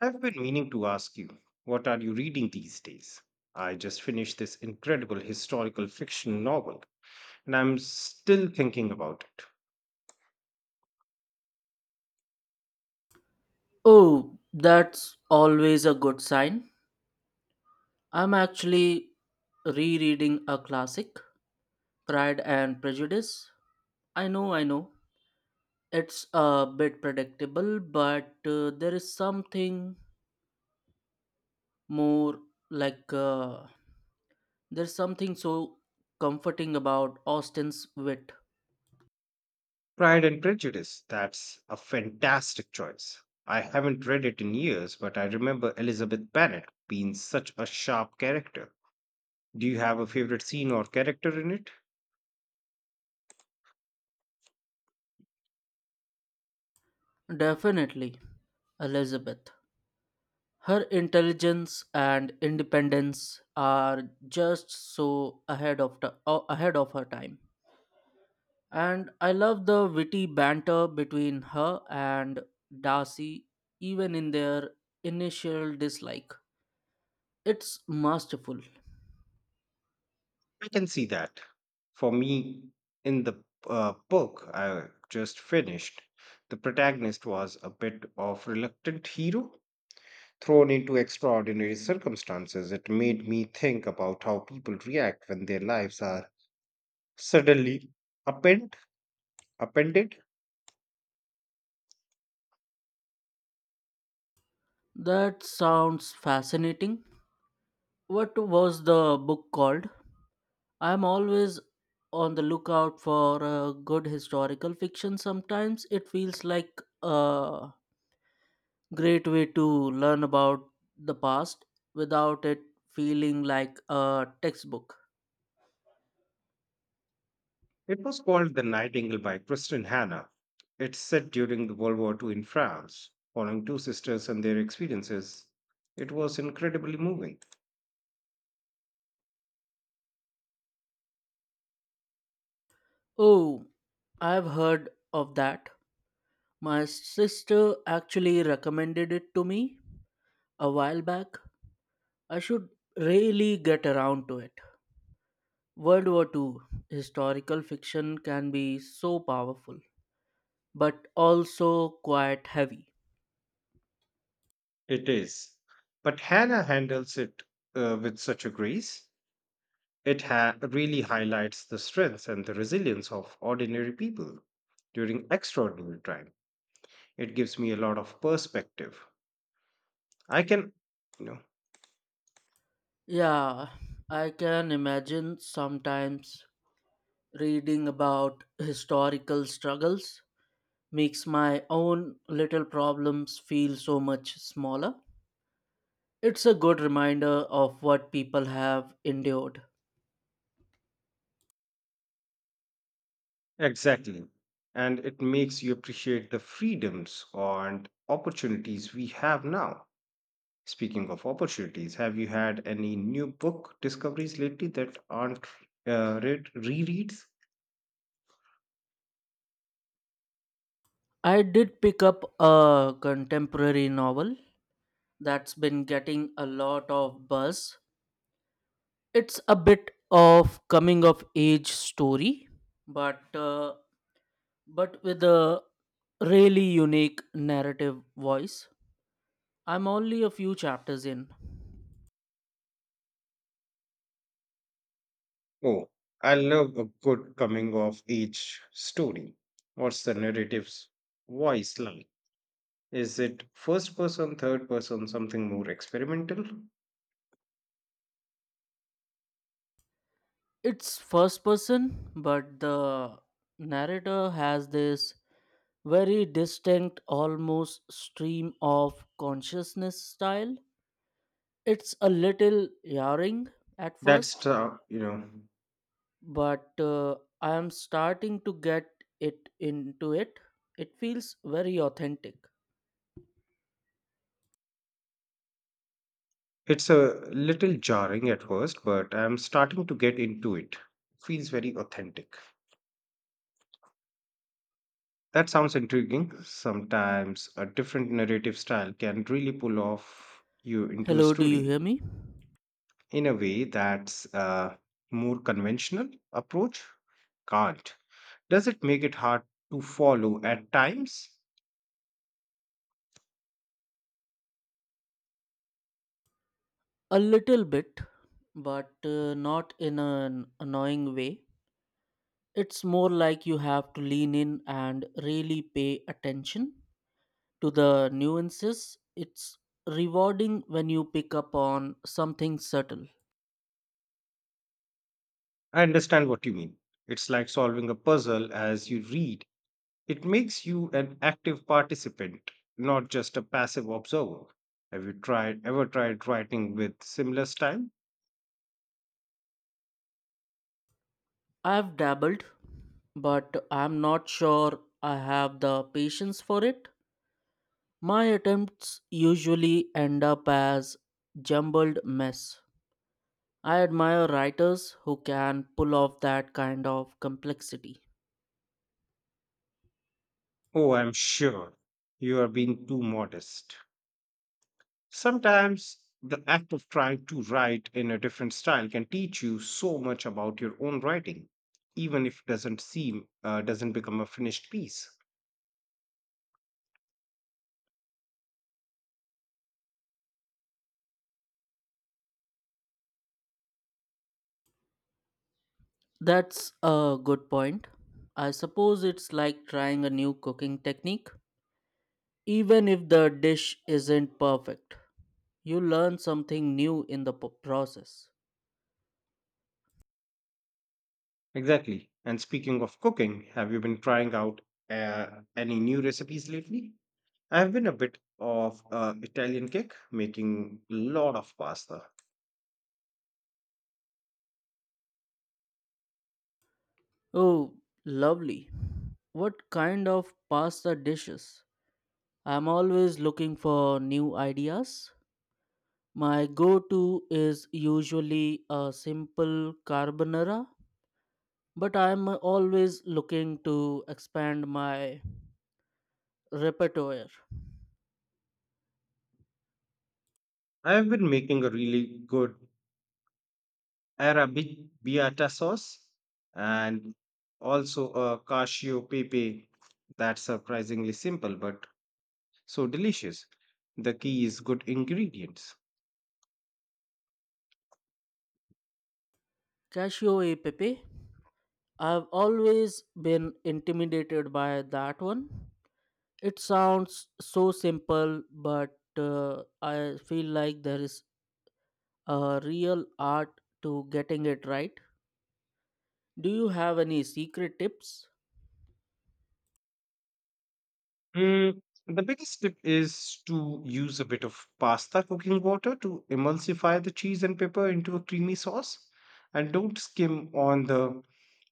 I've been meaning to ask you, what are you reading these days? I just finished this incredible historical fiction novel, and I'm still thinking about it. Oh, that's always a good sign. I'm actually rereading a classic, Pride and Prejudice. I know. It's a bit predictable, but there is something more like uh, there's something so comforting about Austen's wit. Pride and Prejudice, that's a fantastic choice. I haven't read it in years, but I remember Elizabeth Bennet being such a sharp character. Do you have a favorite scene or character in it? Definitely, Elizabeth. Her intelligence and independence are just so ahead of ahead of her time. And I love the witty banter between her and Darcy, even in their initial dislike. It's masterful. I can see that. For me, in the book I just finished, the protagonist was a bit of reluctant hero thrown into extraordinary circumstances. It made me think about how people react when their lives are suddenly append, appended. That sounds fascinating. What was the book called? I'm always on the lookout for a good historical fiction. Sometimes it feels like a great way to learn about the past without it feeling like a textbook. It was called The Nightingale by Kristin Hanna. It's set during the World War II in France, following two sisters and their experiences. It was incredibly moving. Oh, I've heard of that. My sister actually recommended it to me a while back. I should really get around to it. World War Two historical fiction can be so powerful, but also quite heavy. It is. But Hannah handles it with such a grace. Really highlights the strength and the resilience of ordinary people during extraordinary time. It gives me a lot of perspective. I can, you know. Yeah, I can imagine sometimes reading about historical struggles makes my own little problems feel so much smaller. It's a good reminder of what people have endured. Exactly. And it makes you appreciate the freedoms and opportunities we have now. Speaking of opportunities, have you had any new book discoveries lately that aren't read rereads? I did pick up a contemporary novel that's been getting a lot of buzz. It's a bit of coming of age story, but uh, but with a really unique narrative voice. I'm only a few chapters in. Oh, I love a good coming of age story. What's the narrative's voice like? Is it first person, third person, something more experimental? It's first person, but the narrator has this very distinct almost stream of consciousness style. It's a little jarring at That's first, you know. but I am starting to get it into it. It feels very authentic. It's a little jarring at first, but I'm starting to get into it. Feels very authentic. That sounds intriguing. Sometimes a different narrative style can really pull off you into a Hello, do you story hear me? in a way that's a more conventional approach can't. Does it make it hard to follow at times? A little bit, but not in an annoying way. It's more like you have to lean in and really pay attention to the nuances. It's rewarding when you pick up on something subtle. I understand what you mean. It's like solving a puzzle as you read. It makes you an active participant, not just a passive observer. Have you tried ever tried writing with similar style? I've dabbled, but I'm not sure I have the patience for it. My attempts usually end up as jumbled mess. I admire writers who can pull off that kind of complexity. Oh, I'm sure you are being too modest. Sometimes the act of trying to write in a different style can teach you so much about your own writing, even if it doesn't seem doesn't become a finished piece. That's a good point. I suppose it's like trying a new cooking technique. Even if the dish isn't perfect, you learn something new in the process. Exactly. And speaking of cooking, have you been trying out any new recipes lately? I've been a bit of Italian kick, making a lot of pasta. Oh, lovely. What kind of pasta dishes? I'm always looking for new ideas. My go to is usually a simple carbonara, but I'm always looking to expand my repertoire. I've been making a really good Arabic biata sauce and also a cashew pepe that's surprisingly simple but so delicious. The key is good ingredients. Cashew e pepe, I've always been intimidated by that one. It sounds so simple, but I feel like there is real art to getting it right. Do you have any secret tips? Mm, the biggest tip is to use a bit of pasta cooking water to emulsify the cheese and pepper into a creamy sauce, and don't skim on the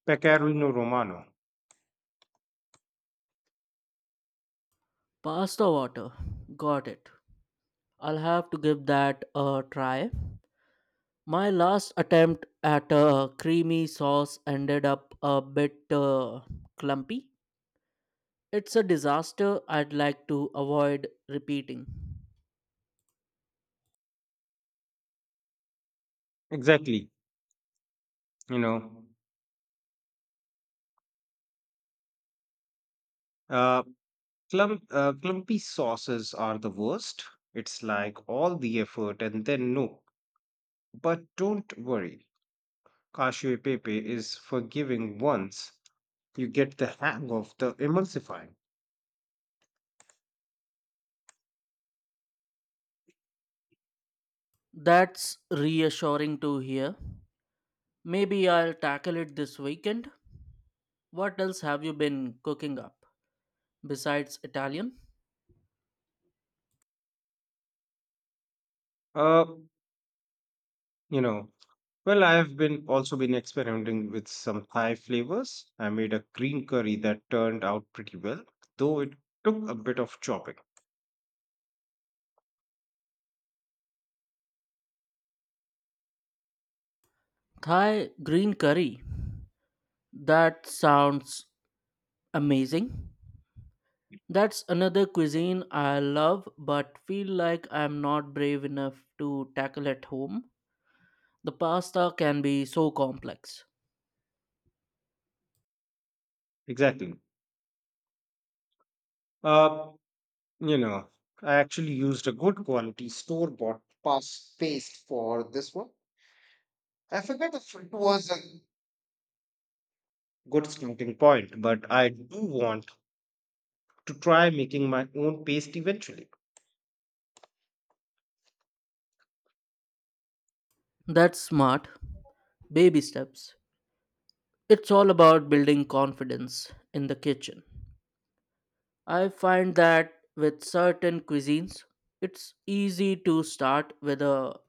pecorino romano. Pasta water. Got it. I'll have to give that a try. My last attempt at a creamy sauce ended up a bit clumpy. It's a disaster I'd like to avoid repeating. Exactly. You know, uh, clumpy sauces are the worst. It's like all the effort and then no. But don't worry, cashew pepe is forgiving once you get the hang of the emulsifying. That's reassuring to hear. Maybe I'll tackle it this weekend. What else have you been cooking up besides Italian? Uh, You know, I've been also been experimenting with some Thai flavors. I made a green curry that turned out pretty well, though it took a bit of chopping. Thai green curry. That sounds amazing. That's another cuisine I love but feel like I'm not brave enough to tackle at home. The pasta can be so complex. Exactly. Uh, you know, I actually used a good quality store bought pass paste for this one. I forget if it was a good starting point, but I do want to try making my own paste eventually. That's smart. Baby steps. It's all about building confidence in the kitchen. I find that with certain cuisines, it's easy to start with a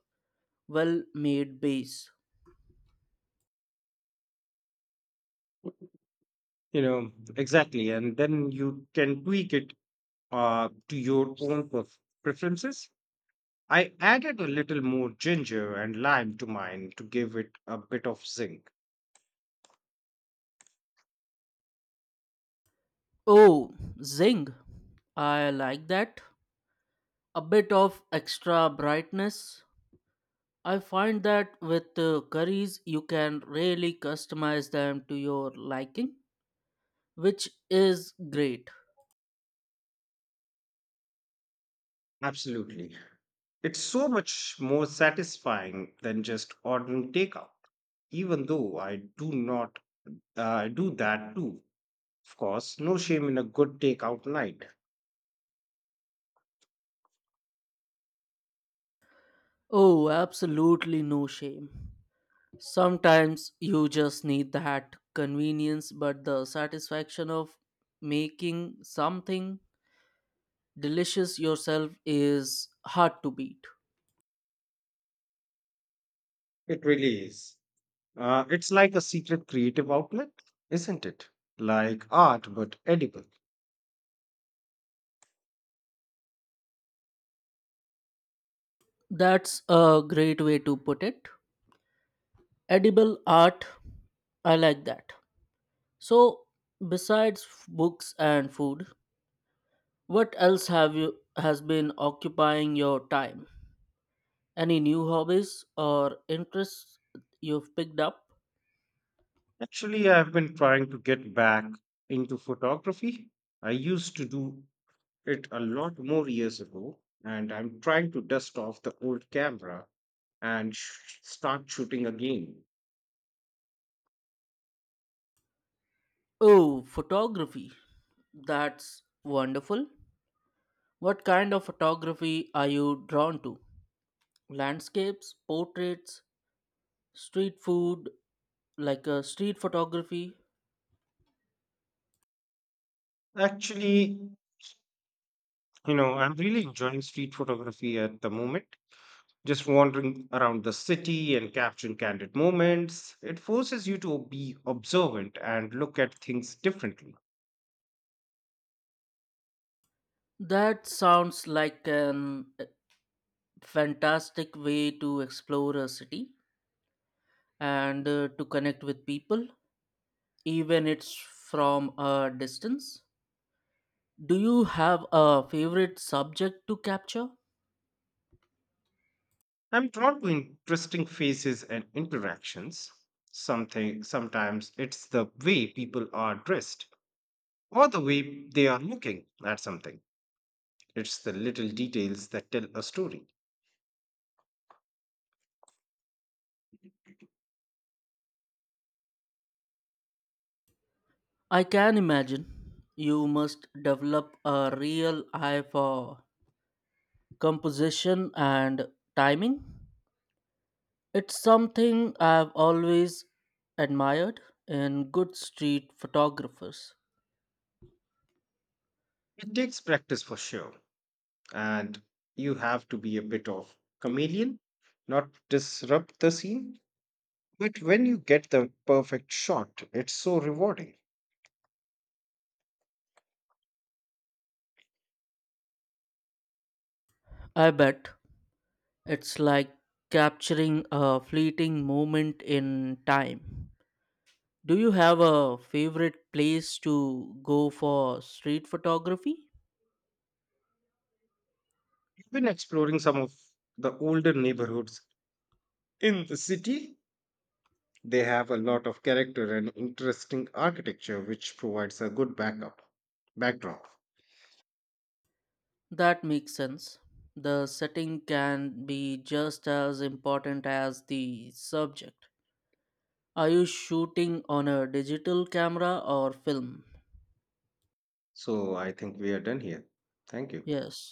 well made base. You know, exactly. And then you can tweak it to your own preferences. I added a little more ginger and lime to mine to give it a bit of zinc. Oh, zing. I like that. A bit of extra brightness. I find that with curries, you can really customize them to your liking, which is great. Absolutely. It's so much more satisfying than just ordering takeout, even though I do not do that too. Of course, no shame in a good takeout night. Oh, absolutely no shame. Sometimes you just need that convenience, but the satisfaction of making something delicious yourself is hard to beat. It really is. It's like a secret creative outlet, isn't it? Like art, but edible. That's a great way to put it. Edible art, I like that. So, besides books and food, what else have you has been occupying your time? Any new hobbies or interests you've picked up? Actually, I've been trying to get back into photography. I used to do it a lot more years ago, and I'm trying to dust off the old camera and start shooting again. Oh, photography, that's wonderful. What kind of photography are you drawn to? Landscapes, portraits, street food, like a street photography? Actually, I'm really enjoying street photography at the moment. Just wandering around the city and capturing candid moments. It forces you to be observant and look at things differently. That sounds like an fantastic way to explore a city and to connect with people, even it's from a distance. Do you have a favorite subject to capture? I'm drawn to interesting faces and interactions. Something sometimes it's the way people are dressed or the way they are looking at something. It's the little details that tell a story. I can imagine you must develop a real eye for composition and timing. It's something I've always admired in good street photographers. It takes practice for sure, and you have to be a bit of chameleon, not disrupt the scene. But when you get the perfect shot, it's so rewarding. I bet. It's like capturing a fleeting moment in time. Do you have a favorite place to go for street photography? I've been exploring some of the older neighborhoods in the city. They have a lot of character and interesting architecture, which provides a good backup backdrop. That makes sense. The setting can be just as important as the subject. Are you shooting on a digital camera or film? So I think we are done here. Thank you. Yes.